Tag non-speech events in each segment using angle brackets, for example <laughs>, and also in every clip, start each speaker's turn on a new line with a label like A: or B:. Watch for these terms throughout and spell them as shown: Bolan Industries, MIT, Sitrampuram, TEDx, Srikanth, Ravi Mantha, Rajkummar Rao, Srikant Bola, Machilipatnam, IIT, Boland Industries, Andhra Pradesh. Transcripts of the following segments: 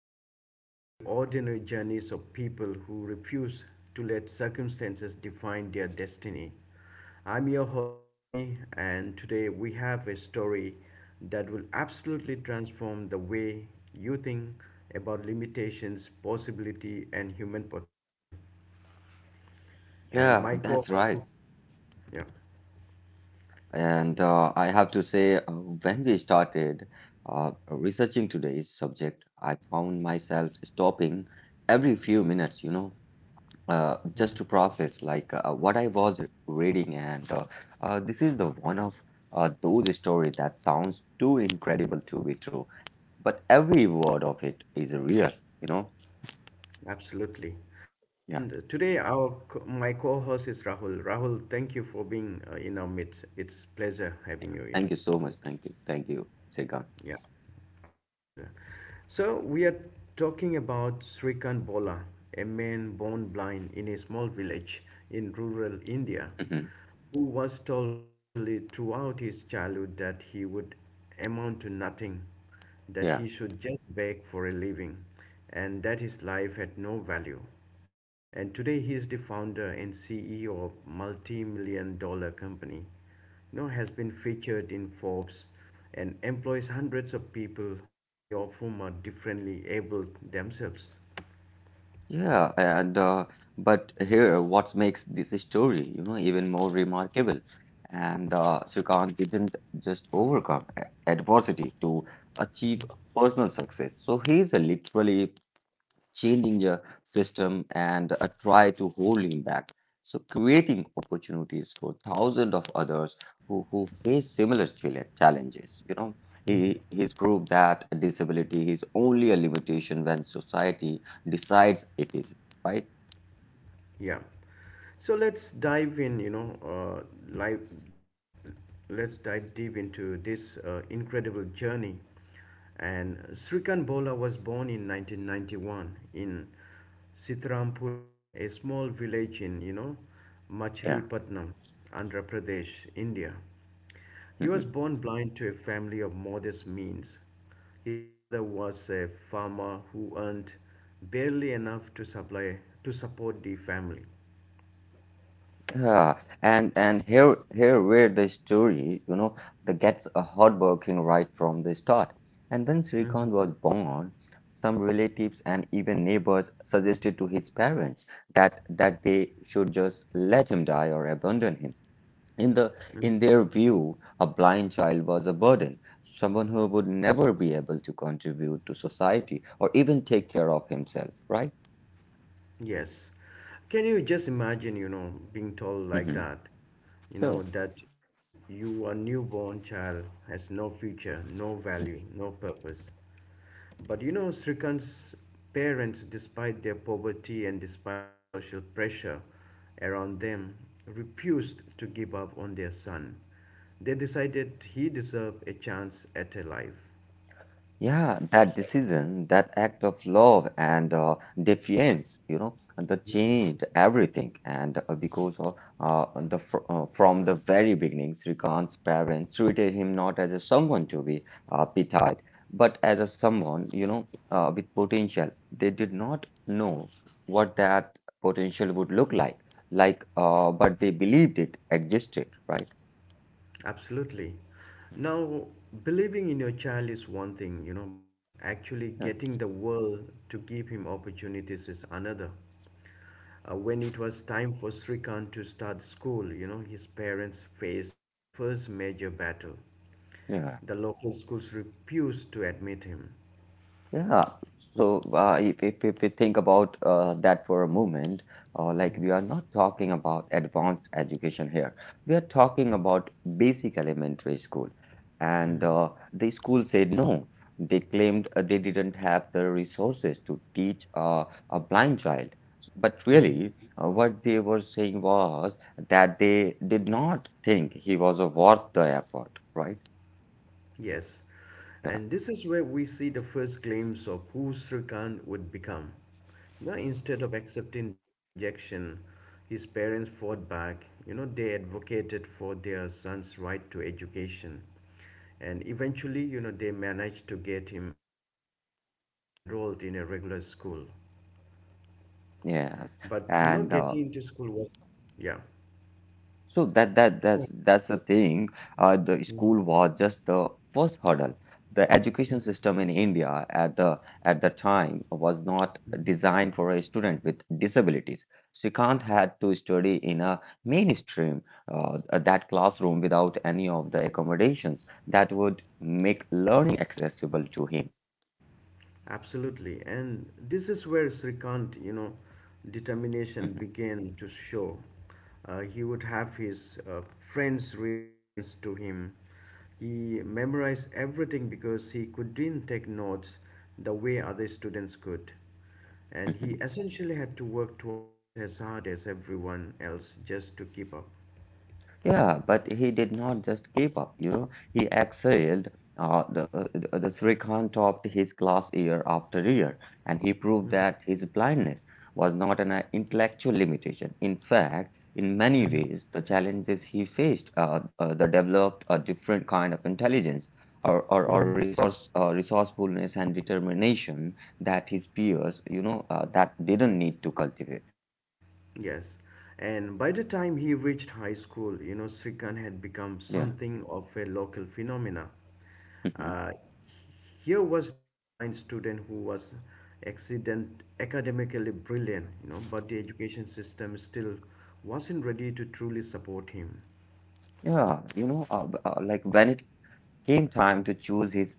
A: explore the extraordinary journeys of people who refuse to let circumstances define their destiny. I'm your host, Jimmy, and today we have a story that will absolutely transform the way you think about limitations, possibility, and human potential. And
B: Yeah,
A: my co
B: that's
A: host
B: right.
A: is, yeah.
B: And I have to say, when we started researching today's subject, I found myself stopping every few minutes, just to process like what I was reading. And This is the one of those stories that sounds too incredible to be true, but every word of it is real, you know.
A: Absolutely.
B: Yeah.
A: And today, my co-host is Rahul. Rahul, thank you for being in our midst. It's pleasure having you
B: Thank
A: here.
B: you so much. Thank you. Thank you, Sega.
A: Yeah, our pleasure. So we are talking about Srikant Bola, a man born blind in a small village in rural India, who was told repeatedly throughout his childhood that he would amount to nothing,
B: <laughs>
A: that
B: Yeah.
A: he should just beg for a living, and that his life had no value. And today he is the founder and CEO of multi-million-dollar company. You know, has been featured in Forbes and employs hundreds of people, many of whom are differently able themselves.
B: Yeah, and but here, what makes this story, you know, even more remarkable, and Srikanth didn't just overcome adversity to achieve personal success. So he's a literally changing the system and try to hold him back. So creating opportunities for thousands of others who face similar challenges. You know, he's proved that a disability is only a limitation when society decides it is, right?
A: Yeah. So let's dive in, you know, live let's dive deep into this incredible journey. And Srikant Bola was born in 1991 in Sitrampuram, a small village in, you know,
B: Yeah.
A: Machilipatnam, Andhra Pradesh, India. He was
B: Mhm.
A: born blind to a family of modest means. His father was a farmer who earned barely enough to support the family.
B: Yeah, and here where the story, you know, that gets a hardworking right from the start. And when
A: Mhm,
B: Srikant was born, some relatives and even neighbors suggested to his parents that they should just let him die or abandon him. In the
A: mhm.
B: in their view, a blind child was a burden, someone who would never be able to contribute to society or even take care of himself, right?
A: Yes. Can you just imagine, you know, being told like
B: Hmm.
A: that? You
B: Sure.
A: know, that you, a newborn child, has no future, no value, no purpose. But you know, Srikant's parents, despite their poverty and despite the social pressure around them, refused to give up on their son. They decided he deserved a chance at a life, At
B: Yeah,
A: life,
B: that decision, that act of love and defiance, you know, that changed everything. And because of the fr from the very beginning, Srikant's parents treated him not as a someone to be pitied, but as a someone, you know, with potential. They did not know what that potential would look like, but they believed it existed, right?
A: Absolutely. Now, believing in your child is one thing, you know, but actually
B: Yeah,
A: getting the world to give him opportunities is another. When it was time for Srikant to start school, you know, his parents faced their first major battle.
B: yeah.
A: The local schools refused to admit him.
B: Yeah. So if, if we think about that for a moment, like
A: Mm,
B: we are not talking about advanced education here. We are talking
A: yes.
B: about basic elementary school. And
A: Mhm,
B: the school said no. They claimed they didn't have the resources to teach a blind child. But
A: mhm.
B: really, what they were saying was that they did not think he was worth the effort, right?
A: Yes, and this is where we see the first glimpse of who Sri Khan would become. You know, instead of accepting this rejection, his parents fought back. You know, they advocated for their son's right to education. And eventually, you know, they managed to get him enrolled in a regular school.
B: Yes.
A: But, you know,
B: And
A: getting into school was, yeah.
B: so that's the thing. The school was just the first hurdle. The education system in India at the time was not designed for a student with disabilities. Srikanth had to study in a mainstream that classroom without any of the accommodations that would make learning accessible to him.
A: Absolutely. And this is where Srikant, you know, determination began to show. He would have his friends read lessons to him. He memorized everything because he couldn't take notes the way other students could. And he
B: <laughs>
A: essentially had to work twice as hard as everyone else just to keep up.
B: Yeah, but he did not just keep up, you know. He excelled. The Srikant topped his class year after year, and he proved
A: Mm-hmm.
B: that his blindness was not an intellectual limitation. In fact, in many
A: Mm-hmm.
B: ways, the challenges he faced that developed a different kind of intelligence or, or, or
A: Mm-hmm.
B: resource, uh, resourcefulness and determination that his peers, you know, that didn't need to cultivate.
A: Yes. And by the time he reached high school, you know, Srikant had become
B: Yeah.
A: something of a local phenomena.
B: Mhm.
A: Uh, Here was this blind student who was accident academically brilliant, you know, but the education system still wasn't ready to truly support him.
B: Yeah, you know, like when it came time to choose his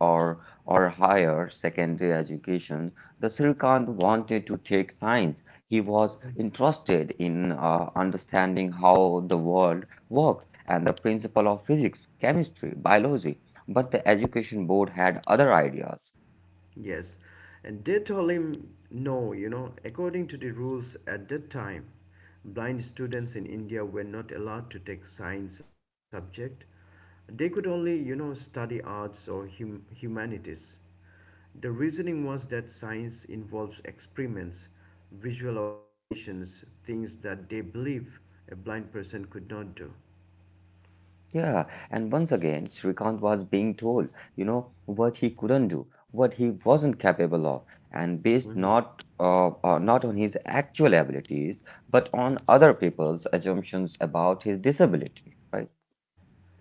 B: or higher secondary education, the Srikant wanted to take science. He was interested in understanding how the world works and the principle of physics, chemistry, biology. But the education board had other ideas.
A: Yes, and they told him no, you know, according to the rules at that time, blind students in India were not allowed to take science as a subject. They could only, you know, study arts or humanities. The reasoning was that science involves experiments, visual observations, things that they believe a blind person could not do.
B: Yeah, and once again, Srikanth was being told, you know, what he couldn't do, what he wasn't capable of, and based not on his actual abilities, but on other people's assumptions about his disability, right?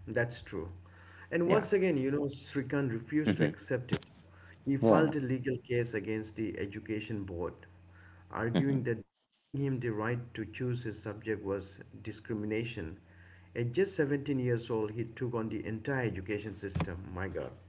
A: That's true. And
B: Yeah.
A: once again, you know, Srikant refused to
B: Hmm.
A: accept it. He filed a
B: Yeah.
A: legal case against the education board, arguing
B: Mhm.
A: that denying him the right to choose his subject was discrimination. At just 17 years old, he took on the entire education system. My God.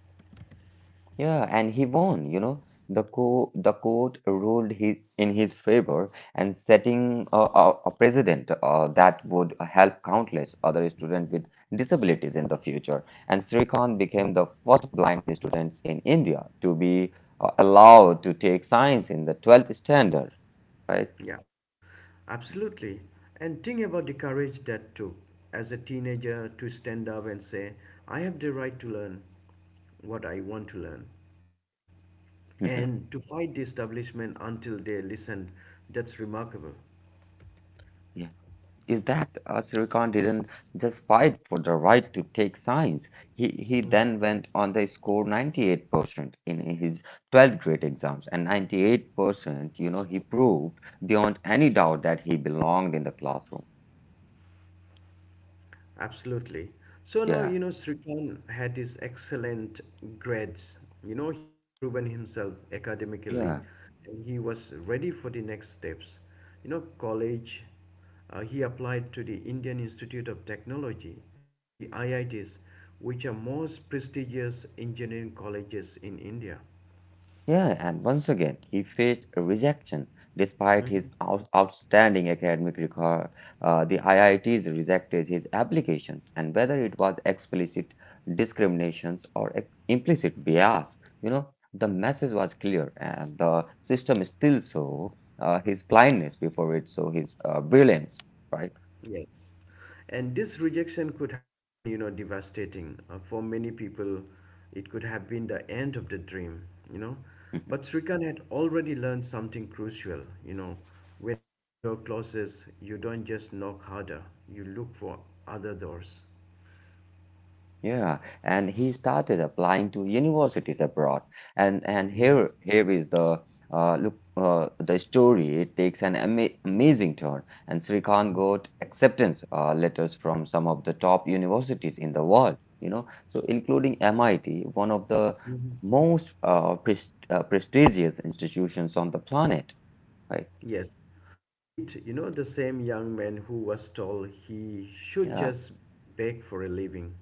B: Yeah, and he won, you know. The court ruled he in his favor and setting a precedent that would help countless other students with disabilities in the future. And Srikant became the first blind students in India to be allowed to take science in the 12th standard, right?
A: Yeah. Absolutely. And think about the courage that took as a teenager to stand up and say, I have the right to learn what I want to learn,
B: <laughs>
A: and to fight the establishment until they listened. That's remarkable.
B: Mhm. Is that Silicon didn't just fight for the right to take science. He then went on the score 98% in his 12th grade exams and 98%, you know, he proved beyond any doubt that he belonged in the classroom.
A: Absolutely. So now,
B: Yeah,
A: you know, Srikan had his excellent grades. You know, he had proven himself academically
B: yeah.
A: and he was ready for the next steps. You know, college, he applied to the Indian Institute of Technology, the IITs, which are most prestigious engineering colleges in India.
B: Yeah, and once again, he faced a rejection. Despite his
A: Mhm.
B: outstanding academic record, the IITs rejected his applications, and whether it was explicit discriminations or implicit bias, you know, the message was clear, and the system still saw his blindness before it saw his brilliance, right?
A: Yes. And this rejection could have been, you know, devastating. For many people, it could have been the end of the dream, you know. But Srikan had already learned something crucial, you know. When one door closes, you don't just knock harder, you look for other doors.
B: Yeah, and he started applying to universities abroad. And and
A: Mm,
B: here here is the look the story. It takes an amazing turn, and Srikant
A: mm,
B: got acceptance letters from some of the top universities in the world. You know, so including MIT, one of the
A: mhm.
B: most prestigious institutions on the planet. Right?
A: Yes. Meet, you know, the same young man who was told he should
B: Yeah,
A: just beg for a living,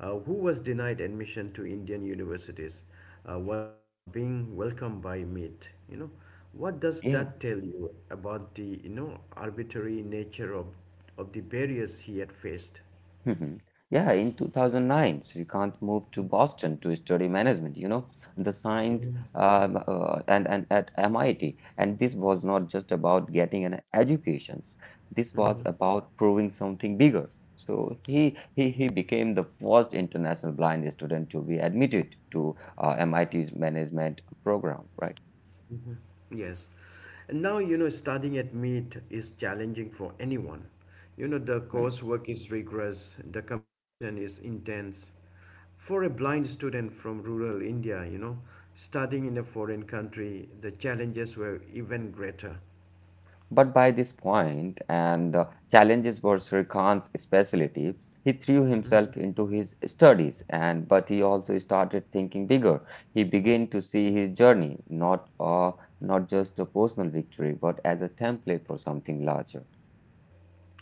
A: who was denied admission to Indian universities, was now being welcomed by Meet. You know, what does
B: yeah.
A: that tell you about the, you know, arbitrary nature of the barriers he had faced?
B: Mhm. Yeah, in 2009, Srikanth moved to Boston to study management, you know, the science
A: Mm-hmm.
B: and at MIT. And this was not just about getting an education. This was about proving something bigger. So he became the first international blind student to be admitted to MIT's management program, right?
A: Yes. And now, you know, studying at meet is challenging for anyone. You know, the coursework is rigorous, the competition is intense. For a blind student from rural India, you know, studying in a foreign country, the challenges were even greater.
B: But by this point, and challenges were Sri Khan's specialty, he threw
A: Mhm.
B: himself into his studies, and but he also started thinking bigger. He began to see his journey not just a personal victory, but as a template for something larger.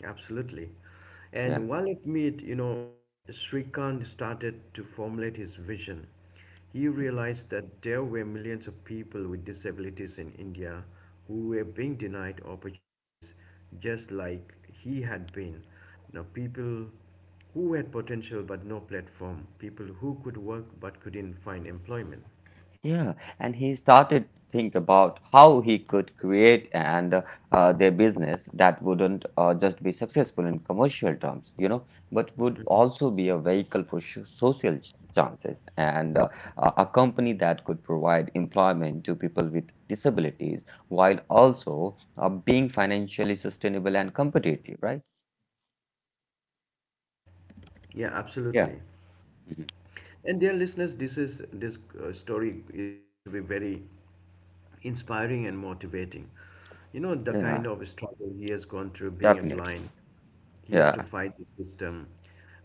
A: Absolutely.
B: Yeah. Hmm.
A: And while at Meet, you know, Srikant started to formulate his vision. He realized that there were millions of people with disabilities in India who were being denied opportunities just like he had been. Now, people who had potential but no platform, people who could work but couldn't find employment.
B: Yeah, and he started to think about how he could create and their business that wouldn't just be successful in commercial terms, you know, but would
A: Mhm.
B: also be a vehicle for sh social chances and a company that could provide employment to people with disabilities while also being financially sustainable and competitive, right?
A: Yeah,
B: Yeah.
A: absolutely.
B: Mhm.
A: And dear listeners, this story is going to be very inspiring and motivating. You know, the
B: Yeah,
A: kind of struggle he has gone through being a
B: definitely.
A: blind. He has to
B: Yeah.
A: fight the system.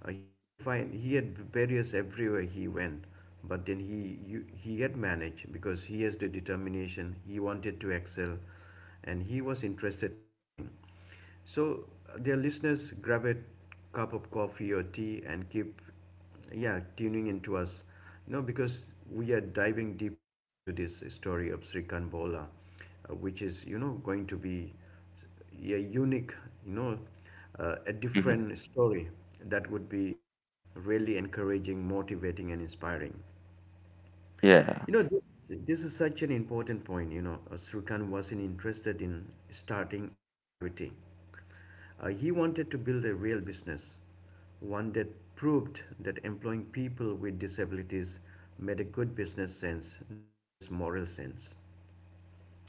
A: He has to fight, He had barriers everywhere he went, but then he had managed because he has the determination, he wanted to excel, and he was interested in learning. So, dear listeners, grab a cup of coffee or tea and keep, yeah, tuning into us. You know, because we are diving deeper into this story of Sri Kanbola, which is, you know, going to be a unique, you know, a
B: Mhm.
A: different story that would be really encouraging, motivating, and inspiring.
B: Yeah.
A: You know, this is such an important point. You know, Srikanth wasn't interested in starting a charity. He wanted to build a real business, one that proved that employing people with disabilities made a good business sense, not just moral sense.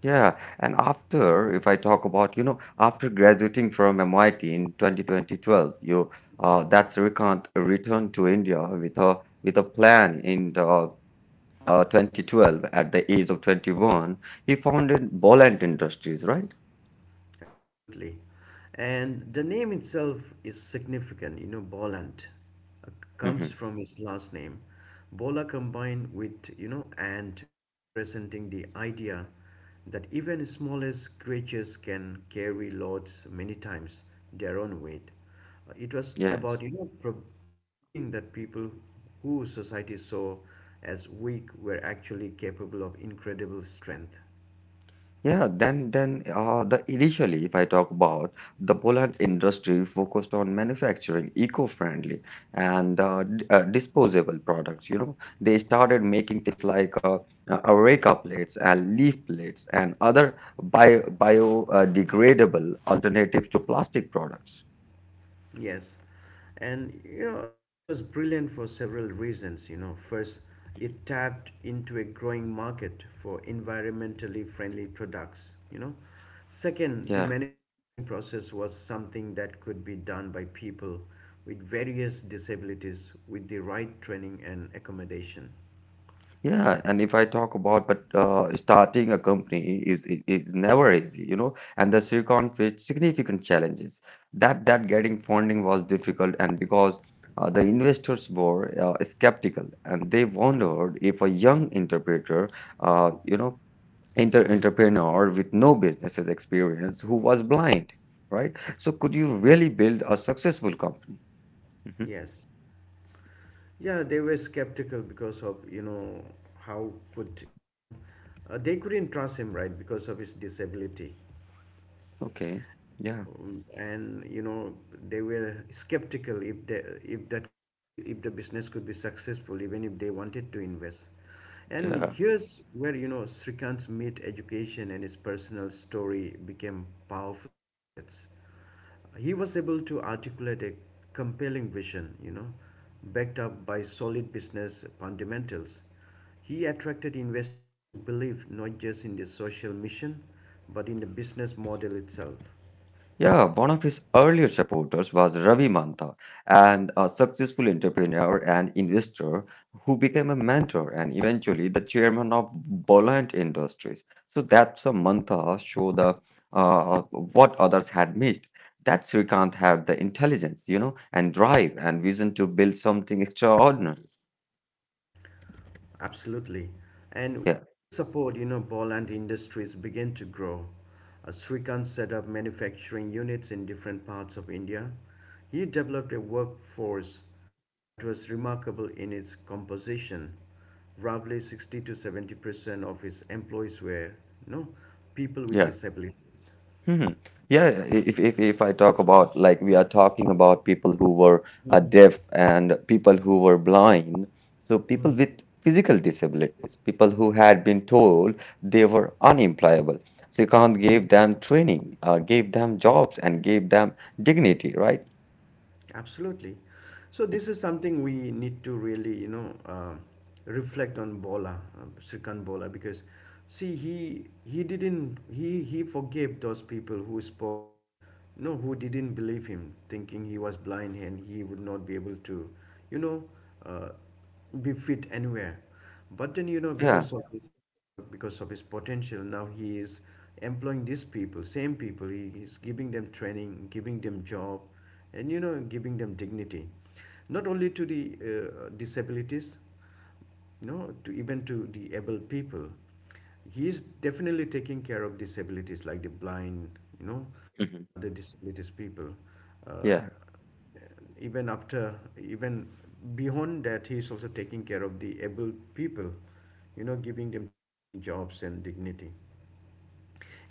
B: Yeah, and after, if I talk about, you know, after graduating from MIT in 2012, you that's Srikanth returned to India with a plan in 2012 at the age of 21. He founded Boland Industries, right?
A: Absolutely. And the name itself is significant, you know, Boland uh, comes
B: Hmm.
A: from his last name. Bola combined with, you know, and representing the idea that even smallest creatures can carry loads many times their own weight. It was
B: Yes.
A: about, you know, proving that people who society saw as weak were actually capable of incredible strength.
B: Yeah, then the initially, if I talk about the Poland industry focused on manufacturing eco-friendly and d disposable products. You know, they started making things like areca plates and leaf plates and other biodegradable alternatives to plastic products.
A: Yes, and you know, this was brilliant for several reasons. You know, first, it tapped into a growing market for environmentally friendly products. You know, second, the
B: Yeah.
A: manufacturing process was something that could be done by people with various disabilities with the right training and accommodation.
B: Yeah, and if I talk about but starting a company is never easy, you know, and the Silicon faced significant challenges. That getting funding was difficult, and because the investors were skeptical, and they wondered if a young interpreter, you know, inter entrepreneur with no businesses experience who was blind, right? So could you really build a successful company? Hmm.
A: Yes. Yeah, they were skeptical because of, you know, how could, you know, they couldn't trust him, right, because of his disability.
B: Okay, yeah,
A: And you know they were skeptical if that could be if the business could be successful even if they wanted to invest, and
B: yeah.
A: here's where you know Srikant's meat education and his personal story became powerful assets. He was able to articulate a compelling vision, you know, backed up by solid business fundamentals. He attracted investors who believed not just in the social mission, but in the business model itself.
B: Yeah, one of his earlier supporters was Ravi Mantha, and a successful entrepreneur and investor who became a mentor and eventually the chairman of Bolland Industries. So that's a Mantha show the what others had missed. That Srikanth had the intelligence, you know, and drive and vision to build something extraordinary.
A: Absolutely. And
B: Yeah,
A: with this support, you know, Poland industries began to grow. Srikanth set up manufacturing units in different parts of India. He developed a workforce that was remarkable in its composition. Roughly 60 to 70% of his employees were, you know, people
B: yeah.
A: with disabilities.
B: Hmm. Yeah, if I talk about like we are talking about people who were
A: Mhm.
B: deaf and people who were blind, so people
A: Mhm.
B: with physical disabilities, people who had been told they were unemployable. So you can't
A: Mhm.
B: give them training, gave them jobs, and gave them dignity, right?
A: Absolutely. So this is something we need to really, you know, reflect on Bola, Srikanth Bola, because see, he didn't he forgave those people who spoke, no, who didn't believe him, thinking he was blind and he would not be able to, you know, uh, be fit anywhere. But then, you know,
B: Yeah.
A: because of his hard work, because of his potential, now he is employing these people, same people. He is giving them training, giving them job, and you know, giving them dignity. Not only to the disabilities, no, to even to the able people. He is definitely taking care of disabilities like the blind, you know,
B: Hmm.
A: and other disabilities people. Uh,
B: Yeah.
A: even after Even beyond that, he is also taking care of the able people, you know, giving them training, jobs, and dignity.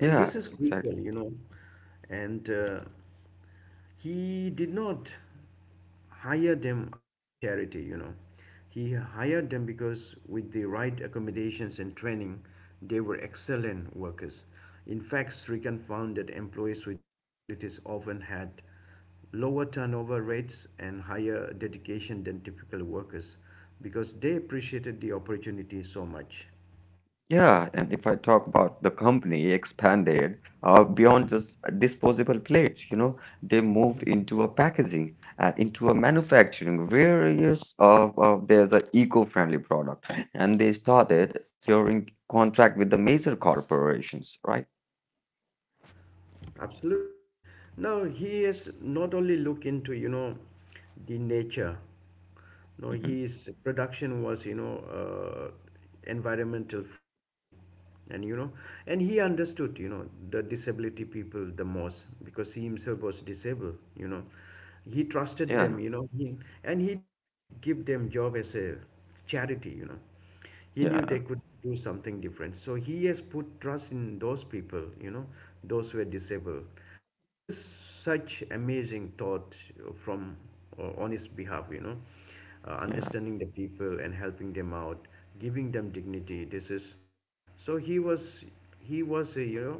A: And this is
B: Exactly.
A: crucial, you know. And He did not hire them out of charity, you know. He hired them because with the right accommodations and training, they were excellent workers. In fact, Srikan found that employees with disabilities often had lower turnover rates and higher dedication than typical workers because they appreciated the opportunity so much.
B: Yeah, and if I talk about the company expanded beyond just disposable plates, you know, they moved into a packaging and into a manufacturing various of there's an eco-friendly product, and they started securing contract with the major corporations, right?
A: Absolutely. Now he has not only looked into the nature. No,
B: Hmm.
A: his production was environmental friendly, and and he understood, you know, the disability people the most because he himself was disabled. You know, he trusted
B: Yeah,
A: them. And he did not give them job as a charity. You know, he knew
B: yeah,
A: they could do something different, so he has put trust in those people, you know, those who are disabled. That is such amazing thought, from on his behalf, you know,
B: yeah,
A: understanding the people and helping them out, giving them dignity. This is so he was He was a,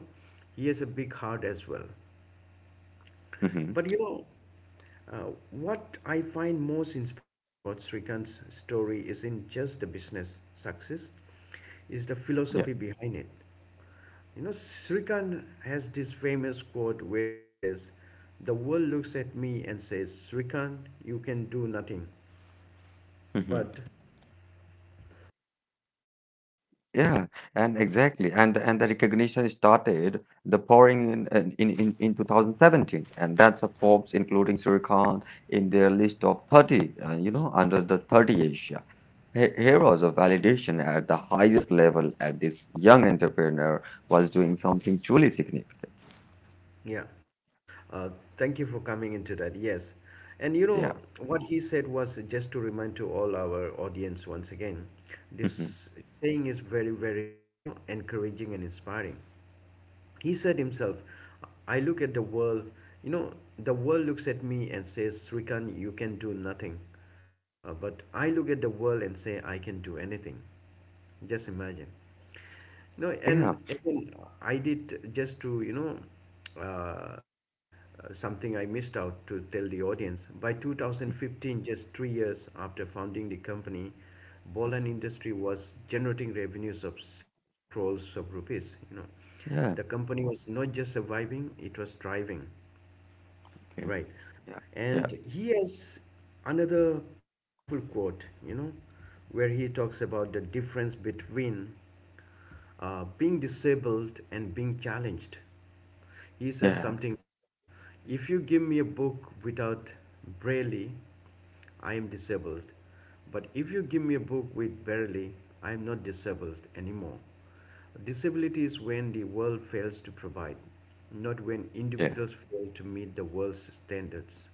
A: he has a big heart as well.
B: hmm,
A: But what I find most inspiring about Srikant's story isn't just the business success, is
B: yeah.
A: the philosophy behind it. You know, Srikant has this famous quote where he says, "The world looks at me and says, Srikant, you can do nothing."
B: Mhm.
A: But,
B: Yeah, and exactly, and the recognition started the pouring in 2017, and that's a Forbes including Surikhan in their list of 30, you know, under the 30 Asia heroes of validation at the highest level. At this young entrepreneur was doing something truly significant.
A: yeah. Uh, thank you for coming into that. Yes. And you
B: Yeah.
A: know, what he said was, just to remind to all our audience once again,
B: <laughs> Mhm.
A: this saying is very, very, you know, encouraging and inspiring. He said himself, "I look at the world," you know, the world looks at me and says, "Srikan, you can do nothing." But I look at the world and say, I can do anything. Just imagine. No,
B: Yeah,
A: and again, I did just to, uh, uh, something I missed out to tell the audience. By 2015, just 3 years after founding the company, Bolan Industry was generating revenues of several crores of rupees, you know.
B: yeah.
A: The company was not just surviving, it was thriving.
B: Okay,
A: Right.
B: yeah, yeah,
A: And he has another powerful quote, you know, where he talks about the difference between being disabled and being challenged. He says
B: yeah,
A: something like, "If you give me a book without Braille, I am disabled. But if you give me a book with barely, I am not disabled anymore. Disability is when the world fails to provide, not when
B: yeah.
A: individuals fail to meet the world's standards."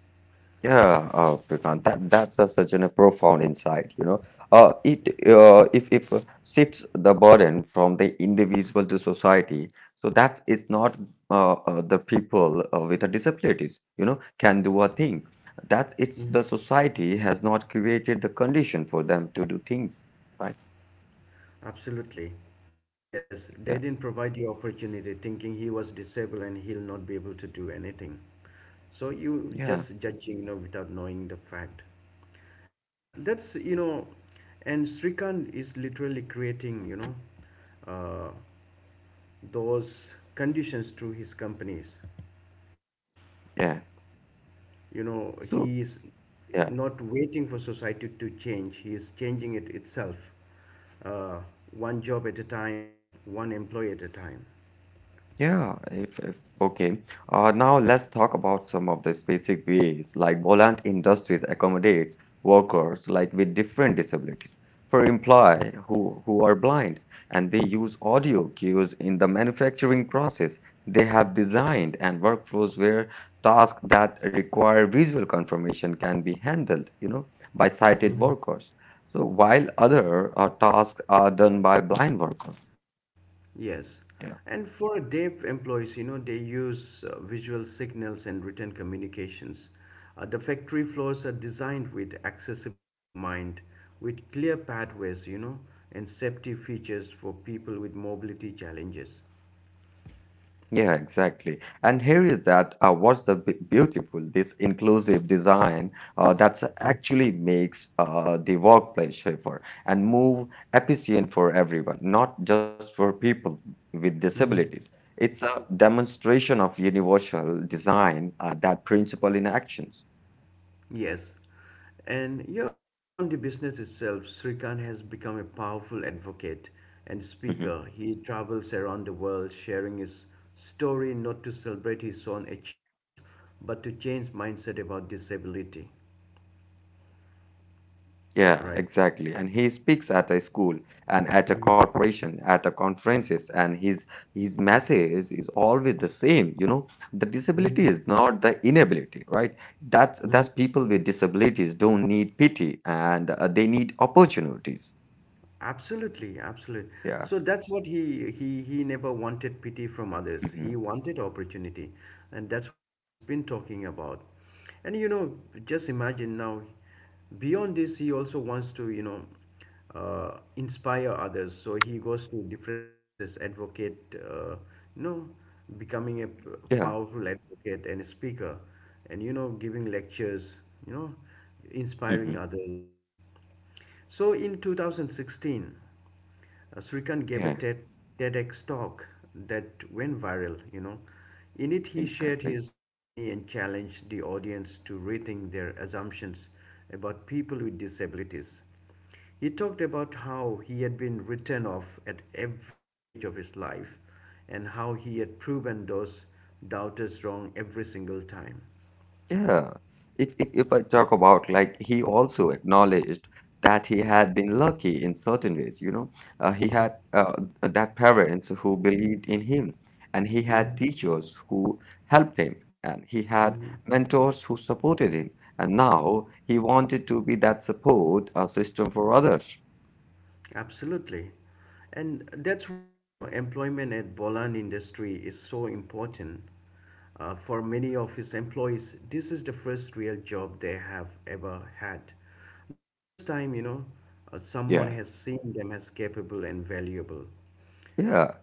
B: Yeah, Shrikant, such an, a profound insight. You know, it if shifts the burden from the individual to society. So that is not the people with the disabilities. You know, can do a thing. That's it's the society has not created the condition for them to do things. Right?
A: Absolutely. Yes, they
B: Yeah.
A: didn't provide the opportunity thinking he was disabled and he'll not be able to do anything. So you
B: Yeah.
A: just judging, you know, without knowing the fact. And that's, you know, and Srikant is literally creating, you know, uh, those conditions through his companies.
B: Yeah.
A: You know,
B: So.
A: he is
B: Yeah.
A: not waiting for society to change, he is changing it itself. Uh, one job at a time, one employee at a time.
B: Yeah, if okay. Now let's talk about some of the specific ways like Boland Industries accommodates workers like with different disabilities for employee who are blind and they use audio cues in the manufacturing process. They have designed and workflows where tasks that require visual confirmation can be handled, you know, by sighted
A: Mhm.
B: workers. So while other tasks are done by blind workers.
A: Yes. And for deaf employees, you know, they use visual signals and written communications. The factory floors are designed with accessibility in mind, with clear pathways, you know, and safety features for people with mobility challenges.
B: Yeah, exactly. And here is that what's the beautiful this inclusive design, that actually makes, the workplace safer and move efficient for everyone, not just for people with disabilities.
A: Mhm.
B: It's a demonstration of universal design, that principle in actions.
A: Yes. And you know, beyond the business itself, Srikant has become a powerful advocate and
B: Mm-hmm.
A: speaker. He travels around the world sharing his story not to celebrate his own achievements, but to change mindset about disability.
B: Yeah,
A: Right?
B: exactly. And he speaks at a school and at a corporation, at a conferences, and his message is always the same. You know, the
A: Mm-hmm.
B: disability is not the inability, right? That's people with disabilities don't need pity and they need opportunities.
A: Absolutely, absolutely.
B: Yeah.
A: So that's what he never wanted pity from others.
B: Hmm.
A: He wanted opportunity, and that's what he's been talking about. And you know, just imagine now. Beyond this, he also wants to, inspire others. So he goes to different places, advocate. You know, becoming a
B: Yeah.
A: powerful advocate and a speaker, and you know, giving lectures. You know, inspiring
B: Hmm.
A: others. So in 2016, Srikant gave a
B: Yeah.
A: TEDx talk that went viral, you know. In it, he shared
B: Exactly.
A: his journey and challenged the audience to rethink their assumptions about people with disabilities. He talked about how he had been written off at every stage of his life and how he had proven those doubters wrong every single time.
B: Yeah, if I talk about like he also acknowledged that he had been lucky in certain ways, you know, he
A: Mhm.
B: had, that parents who believed in him, and he had
A: Mhm.
B: teachers who helped him, and he had
A: Mhm.
B: mentors who supported him, and now he wanted to be that support, system for others.
A: Absolutely. And that's why, you know, employment at Bolan industry is so important. For many of his employees, this is the first real job they have ever had. The first time, someone
B: Yeah.
A: has seen them as capable and valuable.
B: Yeah,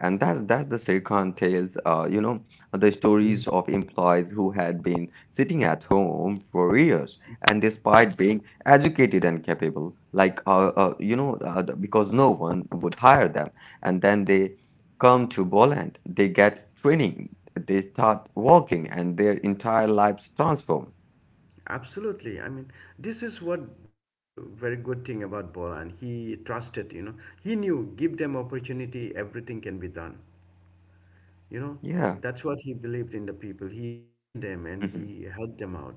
B: and that's the Sirkhan tales. The stories of employees who had been sitting at home for years, and despite being educated and capable, like because no one would hire them, and then they come to Boland, they get training, they start working, and their entire lives transform.
A: Absolutely. I mean, this is what the very good thing about Bolan. He trusted, you know, he knew give them opportunity, everything can be done. You know,
B: Yeah.
A: that's what he believed in the people. He trained them and
B: Hmm.
A: he helped them out.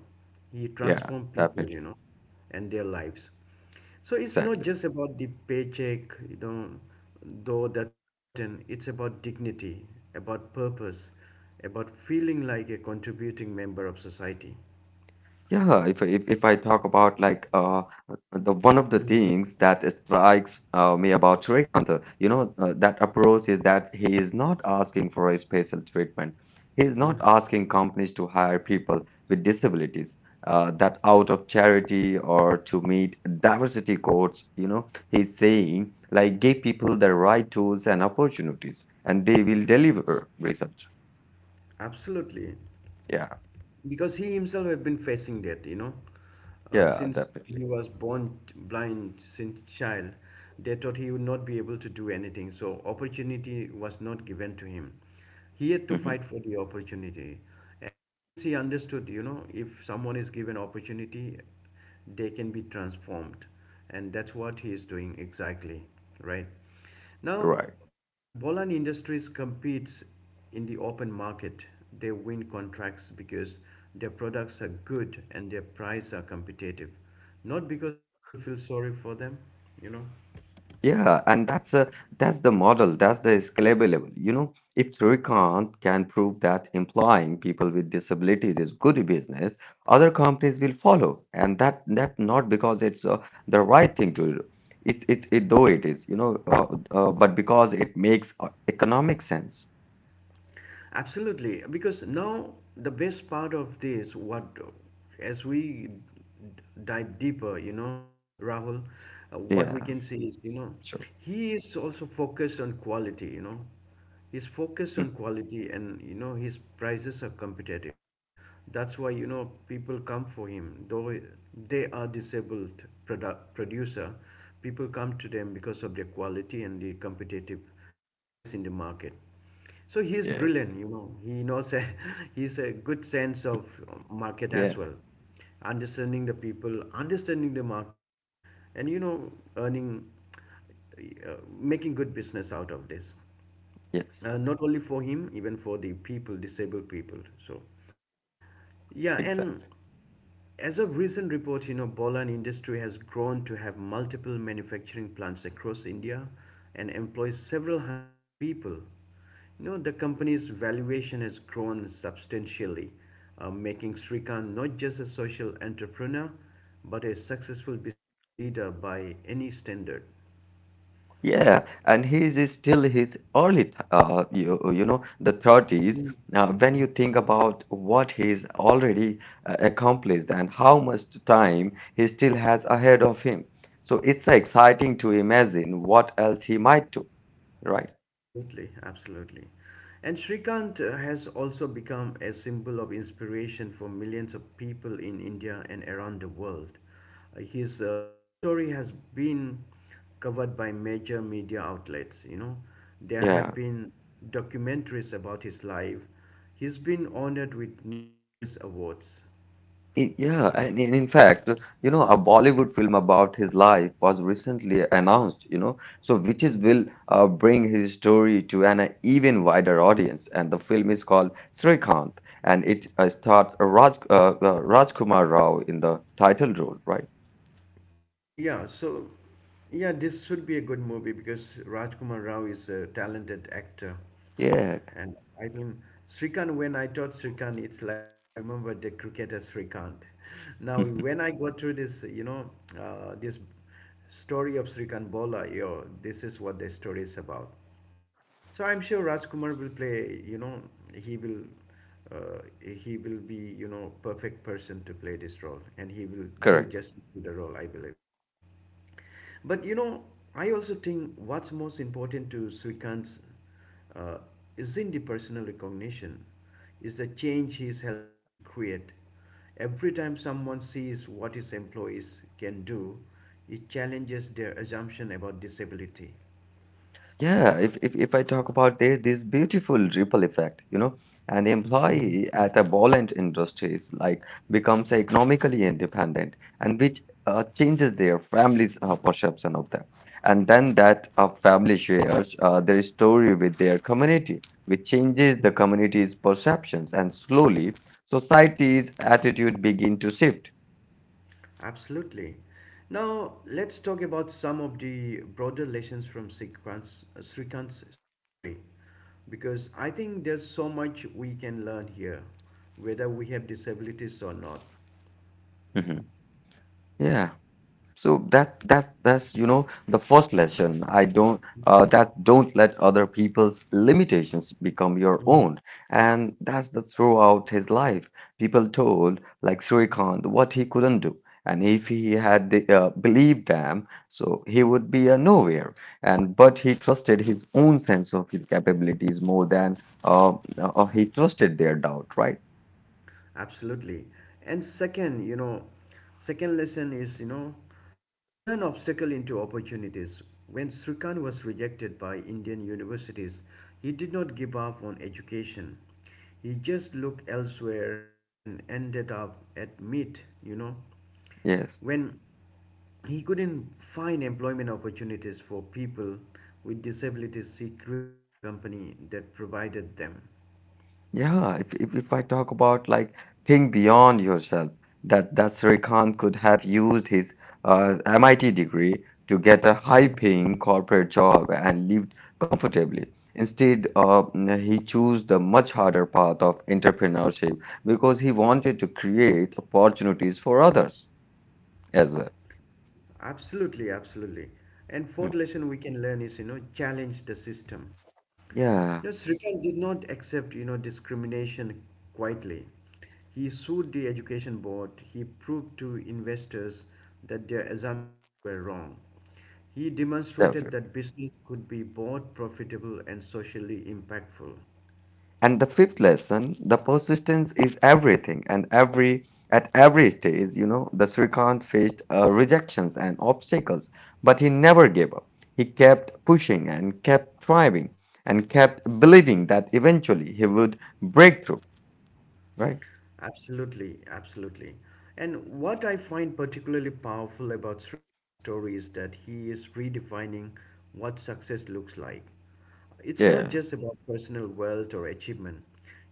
A: He
B: Yeah,
A: transformed people,
B: definitely,
A: you know, and their lives. So it's not
B: exactly.
A: just about the paycheck, you know, though that's important. It's about dignity, about purpose, about feeling like a contributing member of society.
B: Yeah, if I talk about like, the one of the
A: Mhm.
B: things that strikes, me about Shrikant, that approach is that he is not asking for a special treatment. He is not
A: Mhm.
B: asking companies to hire people with disabilities, that out of charity or to meet diversity quotas. You know, he's saying like give people the right tools and opportunities, and they will deliver results.
A: Absolutely,
B: Yeah,
A: because he himself had been facing that, you know,
B: yeah,
A: since
B: definitely.
A: he was born blind since child, they thought he would not be able to do anything. So opportunity was not given to him. He had to
B: Mhm.
A: fight for the opportunity, and since he understood, you know, if someone is given opportunity, they can be transformed, and that's what he is doing exactly, right? Now,
B: Right.
A: Bolan Industries competes in the open market. They win contracts because their products are good and their prices are competitive, not because people feel sorry for them, you know.
B: Yeah, and that's the model, that's the scalable level. You know, if Srikanth can prove that employing people with disabilities is good business, other companies will follow. And that not because it's, the right thing to do. It's it though it is, you know, but because it makes, economic sense.
A: Absolutely, because now the best part of this, what as we d- dive deeper, you know, Rahul, what we
B: Yeah,
A: can see is, you know,
B: sure.
A: he is also focused on quality. You know, he's focused on
B: <laughs>
A: quality, and you know his prices are competitive. That's why you know people come for him, though they are disabled producer. People come to them because of their quality and the competitive price in the market. So he is
B: Yes.
A: brilliant, you know. He knows a, <laughs> he's a good sense of market
B: Yeah.
A: as well, understanding the people, understanding the market, and you know, earning, making good business out of this.
B: Yes.
A: Not only for him, even for the people, disabled people. So, yeah, and
B: Exactly.
A: as of recent reports, you know, Bolan industry has grown to have multiple manufacturing plants across India and employs several hundreds people. You know, the company's valuation has grown substantially, making Srikanth not just a social entrepreneur, but a successful business leader by any standard.
B: Yeah, and he's is still his early, you know, the 30s. Now, when you think about what he's already, accomplished and how much time he still has ahead of him, so it's exciting to imagine what else he might do, right?
A: Absolutely, absolutely. And Srikanth has also become a symbol of inspiration for millions of people in India and around the world. His story has been covered by major media outlets, you know. There have
B: Yeah.
A: been documentaries about his life. He's been honored with numerous awards.
B: Yeah, and in fact, you know, a Bollywood film about his life was recently announced, you know, so which is will bring his story to an, even wider audience. And the film is called Srikanth, and it, stars Rajkumar Rao in the title role, right?
A: Yeah, so yeah, this should be a good movie because Rajkumar Rao is a talented actor,
B: Yeah,
A: and I think Srikanth. When I taught Srikanth, it's like I remember the cricketer Srikanth. Now,
B: <laughs>
A: when I go through this, you know, this story of Srikanth Bola, yo, this is what the story is about. So I'm sure Rajkumar will play. You know, he will, he will be, you know, perfect person to play this role, and he will do
B: correct.
A: justice to the role, I believe. But you know, I also think what's most important to Srikant's uh, isn't the personal recognition, is the change he's helping to create. Every time someone sees what his employees can do, it challenges their assumption about disability.
B: Yeah, if I talk about there, this beautiful ripple effect, you know, an
A: Mhm.
B: employee at a buoyant industry is like becomes economically independent and which, changes their family's, perception of them. And then that, family shares, their story with their community, which changes the community's perceptions and slowly society's attitude begin to shift.
A: Absolutely. Now, let's talk about some of the broader lessons from Srikant's story because I think there's so much we can learn here, whether we have disabilities or not.
B: Mhm. Yeah. So that's you know the first lesson. I don't that don't let other people's limitations become your own, and that's the throughout his life. People told like Surikant what he couldn't do, and if he had believed them, so he would be a nowhere. And but he trusted his own sense of his capabilities more than, he trusted their doubt. Right?
A: Absolutely. And second, you know, second lesson is, you know, turn obstacle into opportunities. When Srikant was rejected by Indian universities, he did not give up on education. He just looked elsewhere and ended up at MIT, you know.
B: Yes.
A: When he couldn't find employment opportunities for people with disabilities, he created a company that provided them.
B: Yeah, if I talk about like think beyond yourself, that Srikanth could have used his, MIT degree to get a
A: Mm-hmm.
B: high-paying corporate job and lived comfortably. Instead, he chose the much harder path of entrepreneurship because he wanted to create opportunities for others as well.
A: Absolutely, absolutely. And fourth
B: Hmm.
A: lesson we can learn is, you know, challenge the system. You know,
B: Yeah,
A: Srikanth did not accept, you know, discrimination quietly. He sued the education board. He proved to investors that their assumptions were wrong. He demonstrated that
B: definitely.
A: business could be both profitable and socially impactful.
B: And the fifth lesson, the persistence is everything. And every at every stage, you know, the Srikant faced, rejections and obstacles, but he never gave up. He kept pushing and kept thriving and kept believing that eventually he would break through. Right?
A: Absolutely, absolutely. And what I find particularly powerful about Srikant's story is that he is redefining what success looks like. It's not
B: Yeah.
A: just about personal wealth or achievement,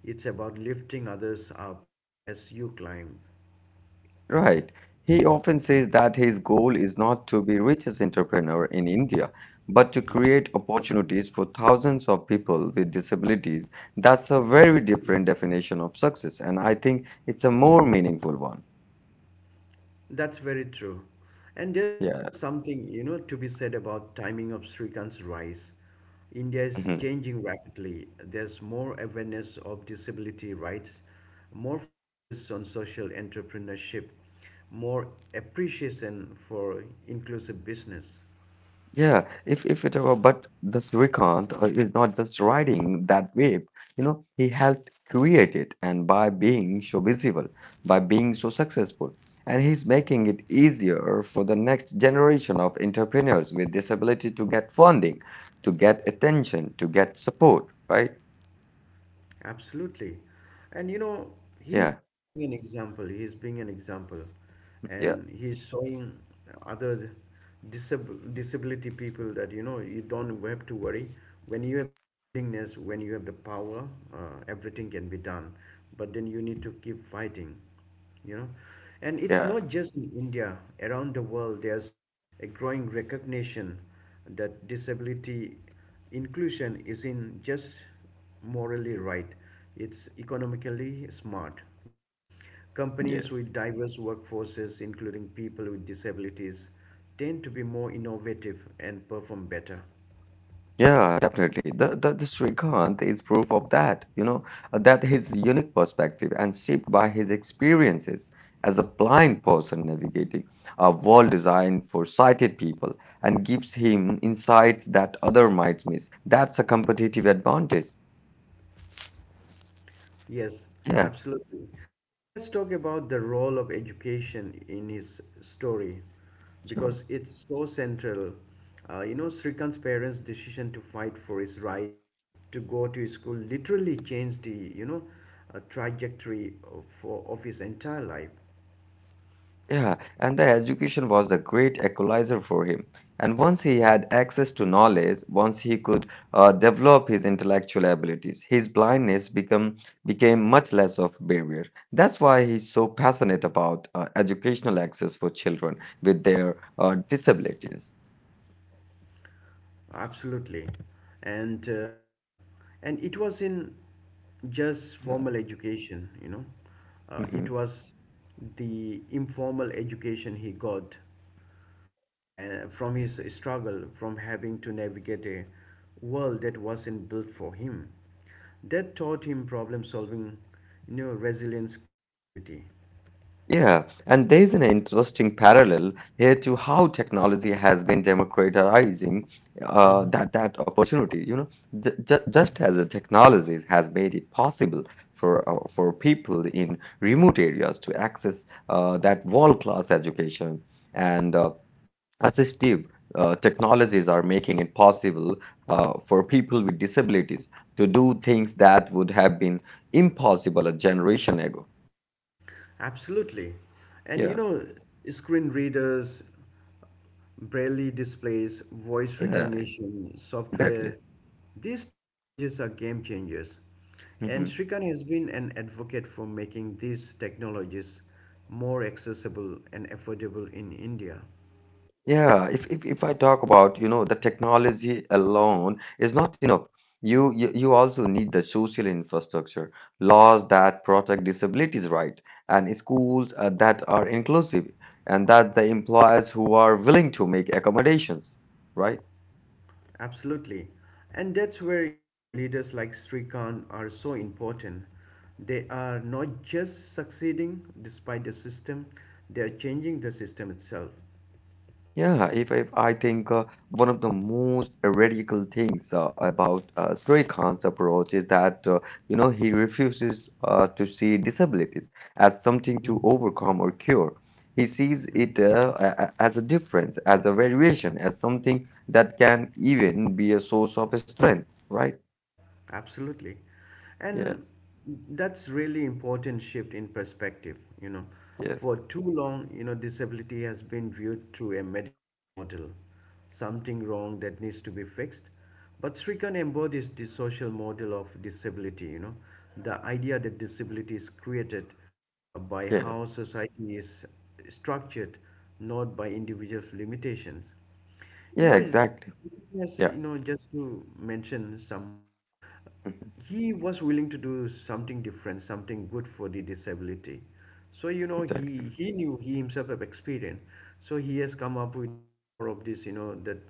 A: it's about lifting others up as you climb.
B: Right. He often says that his goal is not to be richest entrepreneur in India, but to create opportunities for thousands of people with disabilities. That's a very different definition of success, and I think it's a more meaningful one.
A: That's very true. And there's
B: Yeah.
A: also something, you know, to be said about timing of Srikant's rise. India is
B: Mhm.
A: changing rapidly. There's more awareness of disability rights, more focus on social entrepreneurship, more appreciation for inclusive business.
B: Yeah, if it were, but this Srikanth, is not just riding that wave. You know, he helped create it, and by being so visible, by being so successful, and he's making it easier for the next generation of entrepreneurs with disability to get funding, to get attention, to get support, right?
A: Absolutely. And you know,
B: Yeah,
A: he's being an example. He's being an example.
B: yeah,
A: And he's showing other disability people that, you know, you don't have to worry. When you have the willingness, when you have the power, uh, everything can be done. But then you need to keep fighting, you know. And it's
B: yeah,
A: not just in India, around the world, there's a growing recognition that disability inclusion isn't just morally right. It's economically smart, you know. Companies
B: yes.
A: with diverse workforces, including people with disabilities, tend to be more innovative and perform better.
B: Yeah, definitely. The Srikanth is proof of that, you know, that his unique perspective and shaped by his experiences as a blind person navigating a world designed for sighted people and gives him insights that other might miss. That's a competitive advantage.
A: Yes,
B: Yeah,
A: absolutely. Now let's talk about the role of education in his story
B: sure.
A: because it's so central. You know, Srikant's parents' decision to fight for his right to go to school literally changed the trajectory of his entire life.
B: Yeah, and the education was a great equalizer for him. And once he had access to knowledge, once he could, develop his intellectual abilities, his blindness become became much less of barrier. That's why he's so passionate about, educational access for children with their, disabilities.
A: Absolutely. And uh, and it was in just
B: Yeah.
A: formal education, you know. It
B: Mhm.
A: was the informal education he got from his struggle, from having to navigate a world that wasn't built for him. That taught him problem solving, you know, resilience, creativity.
B: Yeah, and there's an interesting parallel here to how technology has been democratizing, uh,
A: Mhm.
B: that that opportunity. You know,
A: Mhm.
B: just as the technologies has made it possible for people in remote areas to access, that world-class education and, assistive, technologies are making it possible, for people with disabilities to do things that would have been impossible a generation ago.
A: Absolutely. And you
B: Yeah,
A: know, screen readers, Braille displays, voice
B: yeah,
A: recognition,
B: exactly.
A: software. These technologies are game changers. And
B: Mhm.
A: Srikan has been an advocate for making these technologies more accessible and affordable in India.
B: Yeah, if I talk about, you know, the technology alone is not enough. You also need the social infrastructure, laws that protect disabilities right, and schools, that are inclusive, and that the employers who are willing to make accommodations, right?
A: Absolutely. And that's where, you know, leaders like Srikan are so important. They are not just succeeding despite the system, they are changing the system itself.
B: Yeah, if I think, one of the most radical things, about, Srikanth's approach is that, you know he refuses, to see disabilities as something
A: Mhm.
B: to overcome or cure. He sees it, as a difference, as a variation, as something that can even be a source of strength, right?
A: Absolutely. And
B: Yes,
A: that's really important shift in perspective, you know.
B: yes,
A: For too long, you know, disability has been viewed through a medical model, something wrong that needs to be fixed. But Srikan embodies the social model of disability, you know, the idea that disability is created by
B: yes.
A: how society is structured, not by individuals' limitations. You
B: Yeah,
A: know,
B: exactly.
A: yes,
B: Yeah,
A: you know, just to mention some more,
B: <laughs> mhm,
A: he was willing to do something different, something good for the disability. So, you know,
B: exactly.
A: he knew he himself have experience. So he has come up with more of this, you know, that,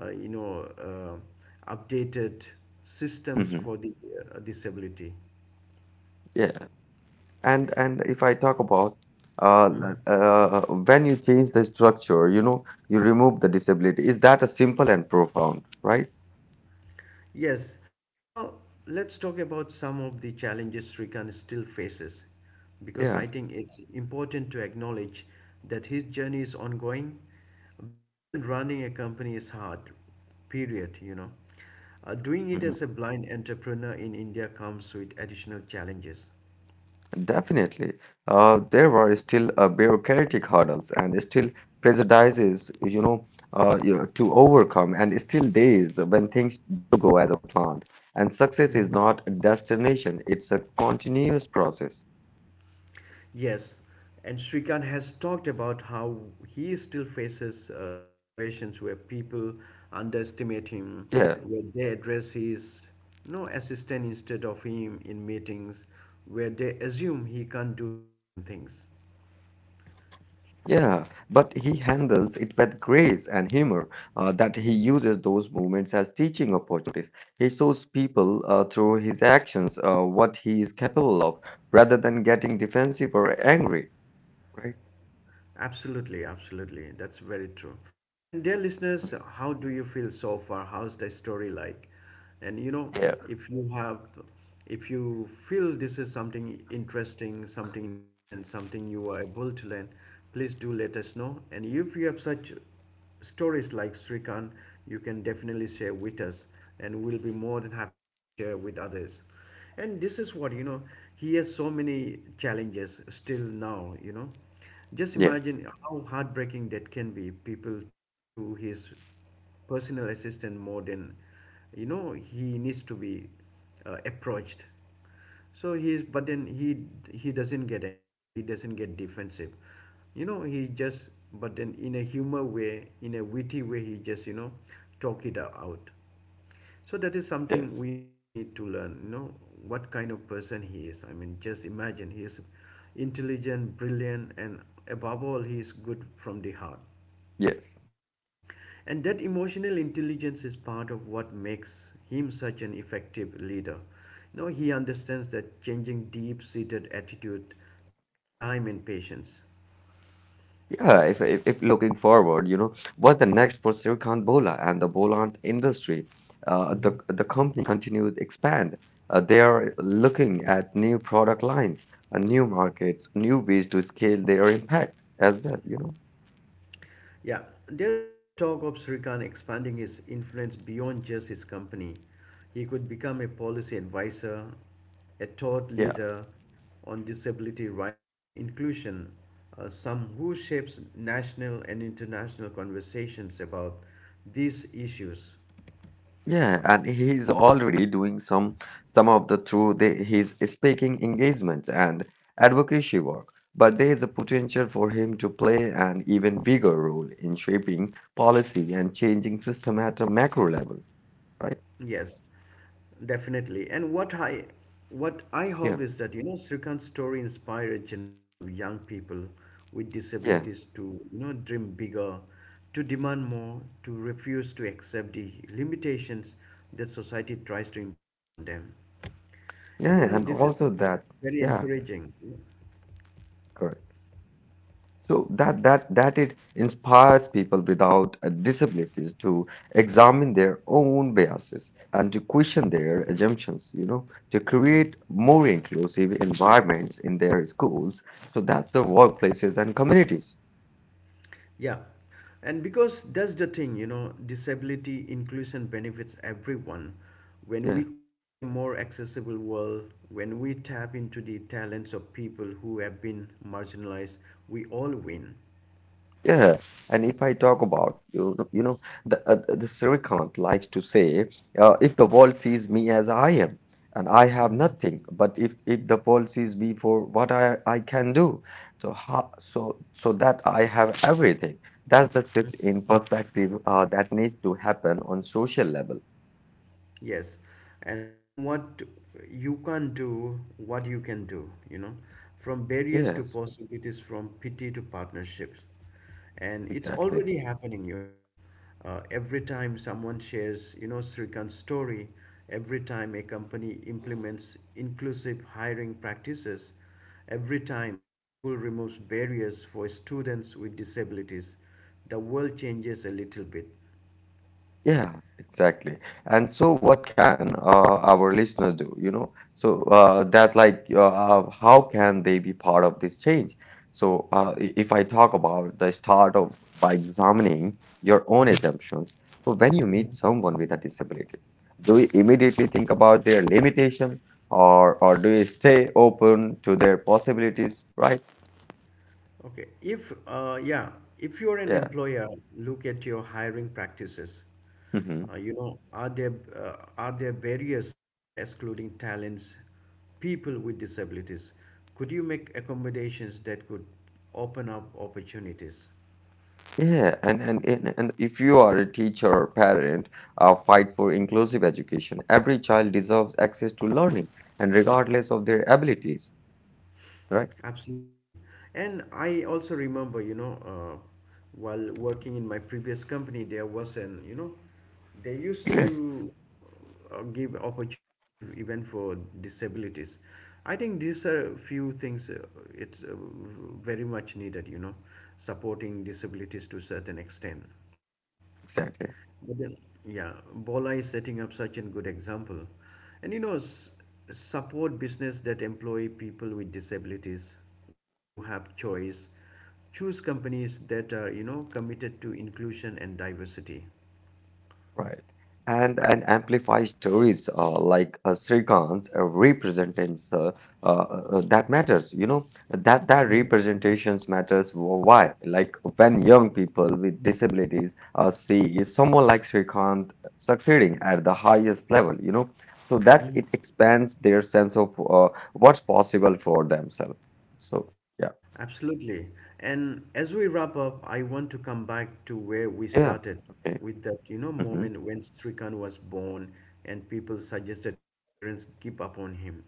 A: updated systems for
B: Hmm.
A: the disability.
B: Yes. And if I talk about,
A: Mhm.
B: when you change the structure, you know, you remove the disability. Is that a simple and profound, right?
A: Yes. Now let's talk about some of the challenges Srikanth still faces, because
B: Yeah.
A: I think it's important to acknowledge that his journey is ongoing. Building and running a company is hard, period, you know. Doing it as a
B: Mhm.
A: blind entrepreneur in India comes with additional challenges.
B: Definitely. There were still, bureaucratic hurdles and still prejudices, you know, to overcome, and still days when things don't go as a plan. And success is not a destination; it's a continuous process.
A: Yes, and Srikant has talked about how he still faces situations where people
B: Yeah.
A: underestimate him, where they address his no assistant instead of him in meetings, where they assume he can't do certain things.
B: Yeah, but he handles it with grace and humor, that he uses those moments as teaching opportunities. He shows people, through his actions, what he is capable of, rather than getting defensive or angry, right?
A: Absolutely, absolutely. That's very true. And dear listeners, how do you feel so far? How's the story like? And you know,
B: Yeah.
A: if you have, if you feel this is something interesting, something important, something you are able to learn, please do let us know. And if you have such stories like Srikant, you can definitely share with us, and we'll be more than happy to share with others. And this is what, you know, he has so many challenges still now, you know. Just
B: Yes,
A: imagine how heartbreaking that can be. People talk to his personal assistant more than, you know, he needs to be approached. So he's, but then he doesn't get angry. He doesn't get defensive. You know, he just, but then in a humor way, in a witty way, he just, you know, talk it out. So that is something we
B: yes,
A: also need to learn, you know, what kind of person he is. I mean, just imagine he is intelligent, brilliant, and above all, he is good from the heart.
B: yes.
A: And that emotional intelligence is part of what makes him such an effective leader. You know, he understands that changing deep seated attitude takes time and patience.
B: Yeah, if looking forward, you know, what's the next for Silicon Bola and the Boland industry? The company continues expand. They are looking at new product lines, new markets, new ways to scale their impact as well, you know.
A: Yeah, there's also talk of Srikanth expanding his influence beyond just his company. He could become a policy advisor, a thought
B: Yeah.
A: leader on disability rights and inclusion, some who shapes national and international conversations about these issues.
B: Yeah, and he is already doing some of the through his speaking engagements and advocacy work. But there is a potential for him to play an even bigger role in shaping policy and changing system at a macro level, right?
A: Yes, definitely. And what I
B: Yeah,
A: hope is that you know Srikant's story inspire a generation of young people with
B: yeah,
A: disabilities to you know dream bigger, to demand more, to refuse to accept the limitations that society tries to impose on them. And you
B: yeah,
A: know
B: and
A: this is
B: also that,
A: very
B: yeah,
A: encouraging.
B: correct. So that it inspires people without, disabilities to examine their own biases and to
A: Mhm.
B: question their assumptions, you know, to
A: Mhm.
B: create more inclusive environments in their schools. So that's the workplaces and communities.
A: Yeah, and because that's the thing, you know, disability inclusion benefits everyone. When we
B: Yeah.
A: create a more accessible world, when we tap into the talents of people who have been marginalized, we all win.
B: Yeah, and if I talk about the Srikanth likes to say, if the world sees me as I am, and I have
A: Mhm.
B: nothing, but if the world sees me for what I can do, so how, so so that I have everything. That's the shift in perspective, that needs to happen on social level.
A: Yes, and from what you can't do, what you can do, you know, from barriers to
B: Yes,
A: possibilities, from pity to partnerships. And it's
B: exactly.
A: already happening, you know. Every time someone shares, you know, Srikant's story, every time a company implements inclusive hiring practices, every time a school removes barriers for students with disabilities, the world changes a little bit.
B: Yeah, exactly. And so, what can, our listeners do? You know, that's like, how can they be part of this change? So, if I talk about the start of by examining your own
A: Mhm.
B: assumptions, so when you meet
A: Mhm.
B: someone with a disability, do you immediately think about their limitation, or do you stay open to their possibilities, right?
A: Okay. If, Yeah, if you're an
B: Yeah.
A: employer, look at your hiring practices.
B: Mm-hmm.
A: You know, are there barriers that are excluding talents, people with disabilities? Could you make accommodations that could open up opportunities?
B: Yeah, and if you are a teacher or parent, fight for inclusive education. Every child deserves access to learning, and regardless of their abilities, right? <clears throat>
A: Absolutely. And I also remember, you know, while working in my previous company, there was an, you know, they used
B: Yes,
A: to give opportunity even for disabilities. I think these are few things it's very much needed, you know, supporting disabilities to certain extent.
B: exactly.
A: But then, yeah, Bola is setting up such a good example. And you know, s- Support business that employ people with disabilities when you have choice. Choose companies that are, you know, committed to inclusion and diversity.
B: Right. And amplify stories, like, Srikant's, represents, that matters. You know that
A: Mhm.
B: representations matters. Why? Like when young people with disabilities, see someone like Srikant succeeding at the highest level. You know, so that's it expands their sense of, what's possible for themselves. So yeah,
A: Absolutely. And as we wrap up, I want to come back to where we
B: yeah,
A: started
B: okay,
A: with that, you know,
B: hmm,
A: moment when Srikant was born and people suggested his parents give up on him.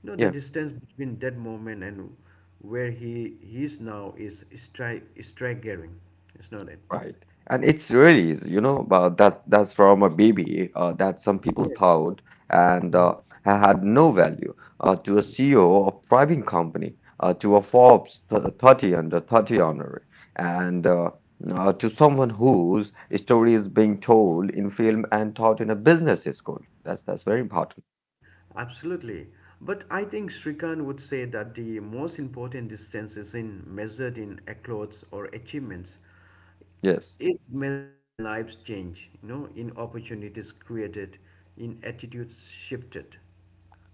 A: You know, the
B: yeah.
A: distance between that moment and where he is now is staggering, is not it?
B: Right. And it's really is, you know, but that's from a baby, that some people
A: Yes.
B: thought and,
A: Mhm.
B: had no value, to a CEO of private company, to a Forbes th 30 under 30 honorary, and to someone whose story is being told in film and taught in a business school. That's very important.
A: Absolutely. But I think Srikant would say that the most important distance is in measured in accolades or achievements.
B: Yes.
A: It's measured in lives change, you know, in opportunities created, in attitudes shifted.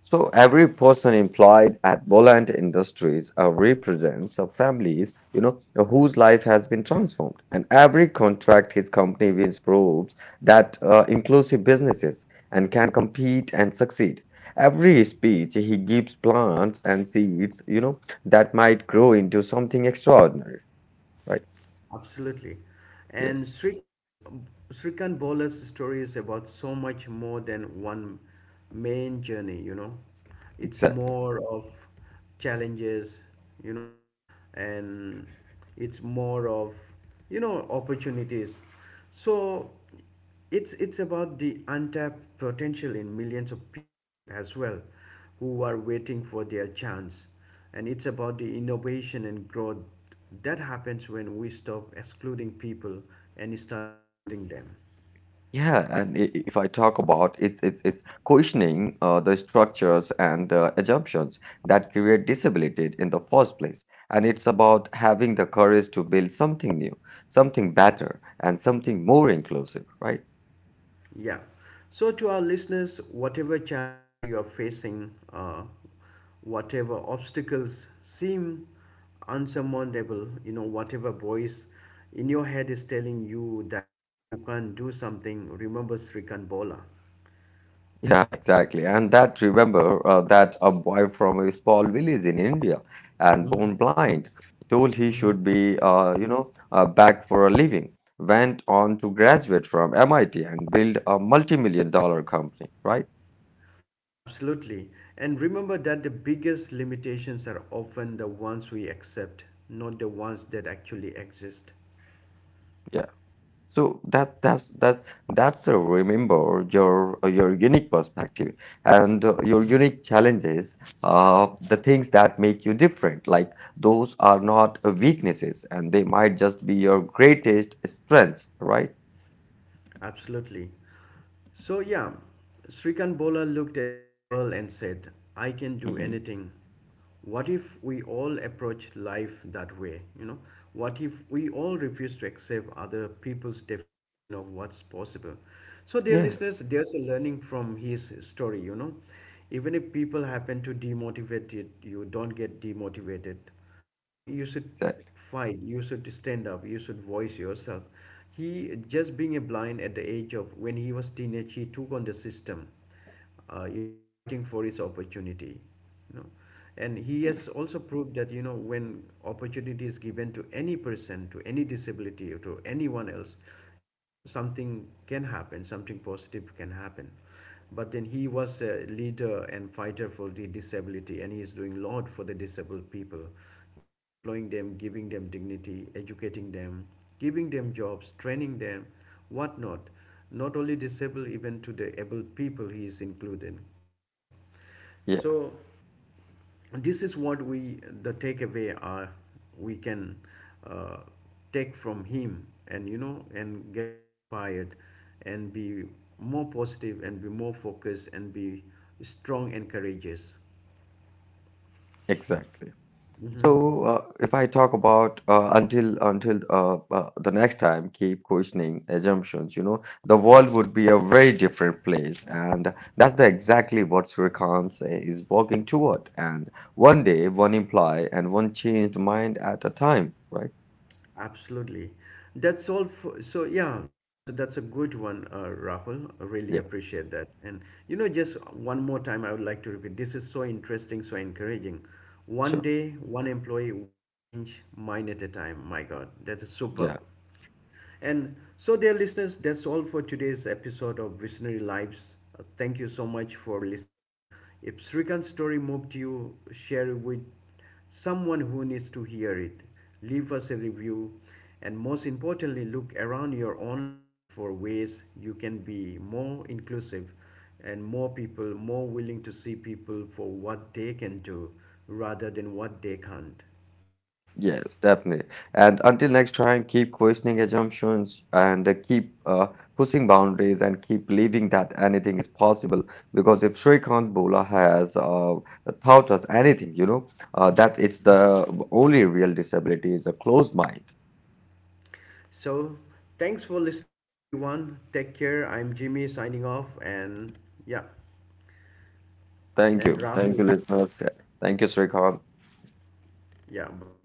B: So every person employed at Boland Industries, represents a families, you know, whose life has been transformed. And every contract his company wins proves that, inclusive businesses and can compete and succeed. Every speech he gives plants and seeds, you know, that might grow into something extraordinary. Right?
A: Absolutely. And
B: Yes,
A: Srikant's Srikant Bola's story is about so much more than one main journey, you know. It's
B: exactly.
A: more of challenges, you know, and it's more of, you know, opportunities. So it's about the untapped potential in millions of people as well who are waiting for their chance, and it's about the innovation and growth that happens when we stop excluding people and start including them.
B: Yeah, and if I talk about it's questioning, the structures and the assumptions that create disability in the first place, and it's about having the courage to build something new, something better, and something more inclusive, right?
A: Yeah. So, to our listeners, whatever challenges you are facing, whatever obstacles seem unsurmountable, you know, whatever voice in your head is telling you that you can't do something, remember Srikant Bola.
B: Yeah, exactly. And that, remember, that a boy from a small village in India and born blind, told he should be, back for a living, went on to graduate from MIT and build a multi-million dollar company, right?
A: Absolutely. And remember that the biggest limitations are often the ones we accept, not the ones that actually exist.
B: Yeah. So that's a, remember your unique perspective and, your unique challenges, the things that make you different. Like those are not, weaknesses, and they might just be your greatest strengths, right?
A: Absolutely. So, yeah, Srikant Bola looked at the world and said, I can do
B: Hmm.
A: anything. What if we all approach life that way? You know, what if we all refuse to accept other people's definition of what's possible? So, dear
B: Yes,
A: listeners, there's a learning from his story, you know. Even if people happen to demotivate you, you don't get demotivated. You know, you should
B: exactly.
A: fight, you should stand up, you should voice yourself. He just being a blind at the age of when he was teenage, he took on the system, you know, fighting for his opportunity, you know. And he has
B: Yes,
A: also proved that you know when opportunity is given to any person, to any disability or to anyone else, you know something can happen, something positive can happen. But then he was a leader and fighter for the disability, and he is doing a lot for the disabled people. He is employing them, giving them dignity, educating them, giving them jobs, training them, whatnot. Not only disabled, even to the able people he is included, right? So
B: yes,
A: this is what we the takeaway are. We can uh, take from him and you know and get inspired and be more positive and be more focused and be strong and courageous.
B: exactly. So, if I talk about, until, the next time, keep questioning assumptions. You know, the world would be a very different place, and that's the exactly what Srikanth say is walking toward. And one day, one imply, and one changed mind at a time. Right?
A: Absolutely. So yeah, that's a good one, Rahul. I really
B: Yeah.
A: appreciate that. And you know, just one more time, I would like to repeat. This is so interesting, so encouraging. One
B: Sure.
A: day, one employee, one change, mine at a time. My God, that is superb.
B: Yeah.
A: And so, dear listeners, that's all for today's episode of Visionary Lives. Thank you so much for listening. If Srikant's story moved you, share it with someone who needs to hear it. Leave us a review. And most importantly, look around your own life for ways you can be more inclusive and more people, more willing to see people for what they can do rather than what they can't.
B: Yes, definitely. And until next time, keep questioning assumptions and, keep, pushing boundaries and keep believing that anything is possible. Because if Shrikant Bola has, taught us anything, you know, that it's the only real disability is a closed mind.
A: So, thanks for listening, everyone. Take care. I'm Jimmy signing off, and yeah,
B: Thank
A: and
B: you. Thank you,
A: Rahul.
B: listeners. Thank you, Shrikant.
A: Yeah, bye.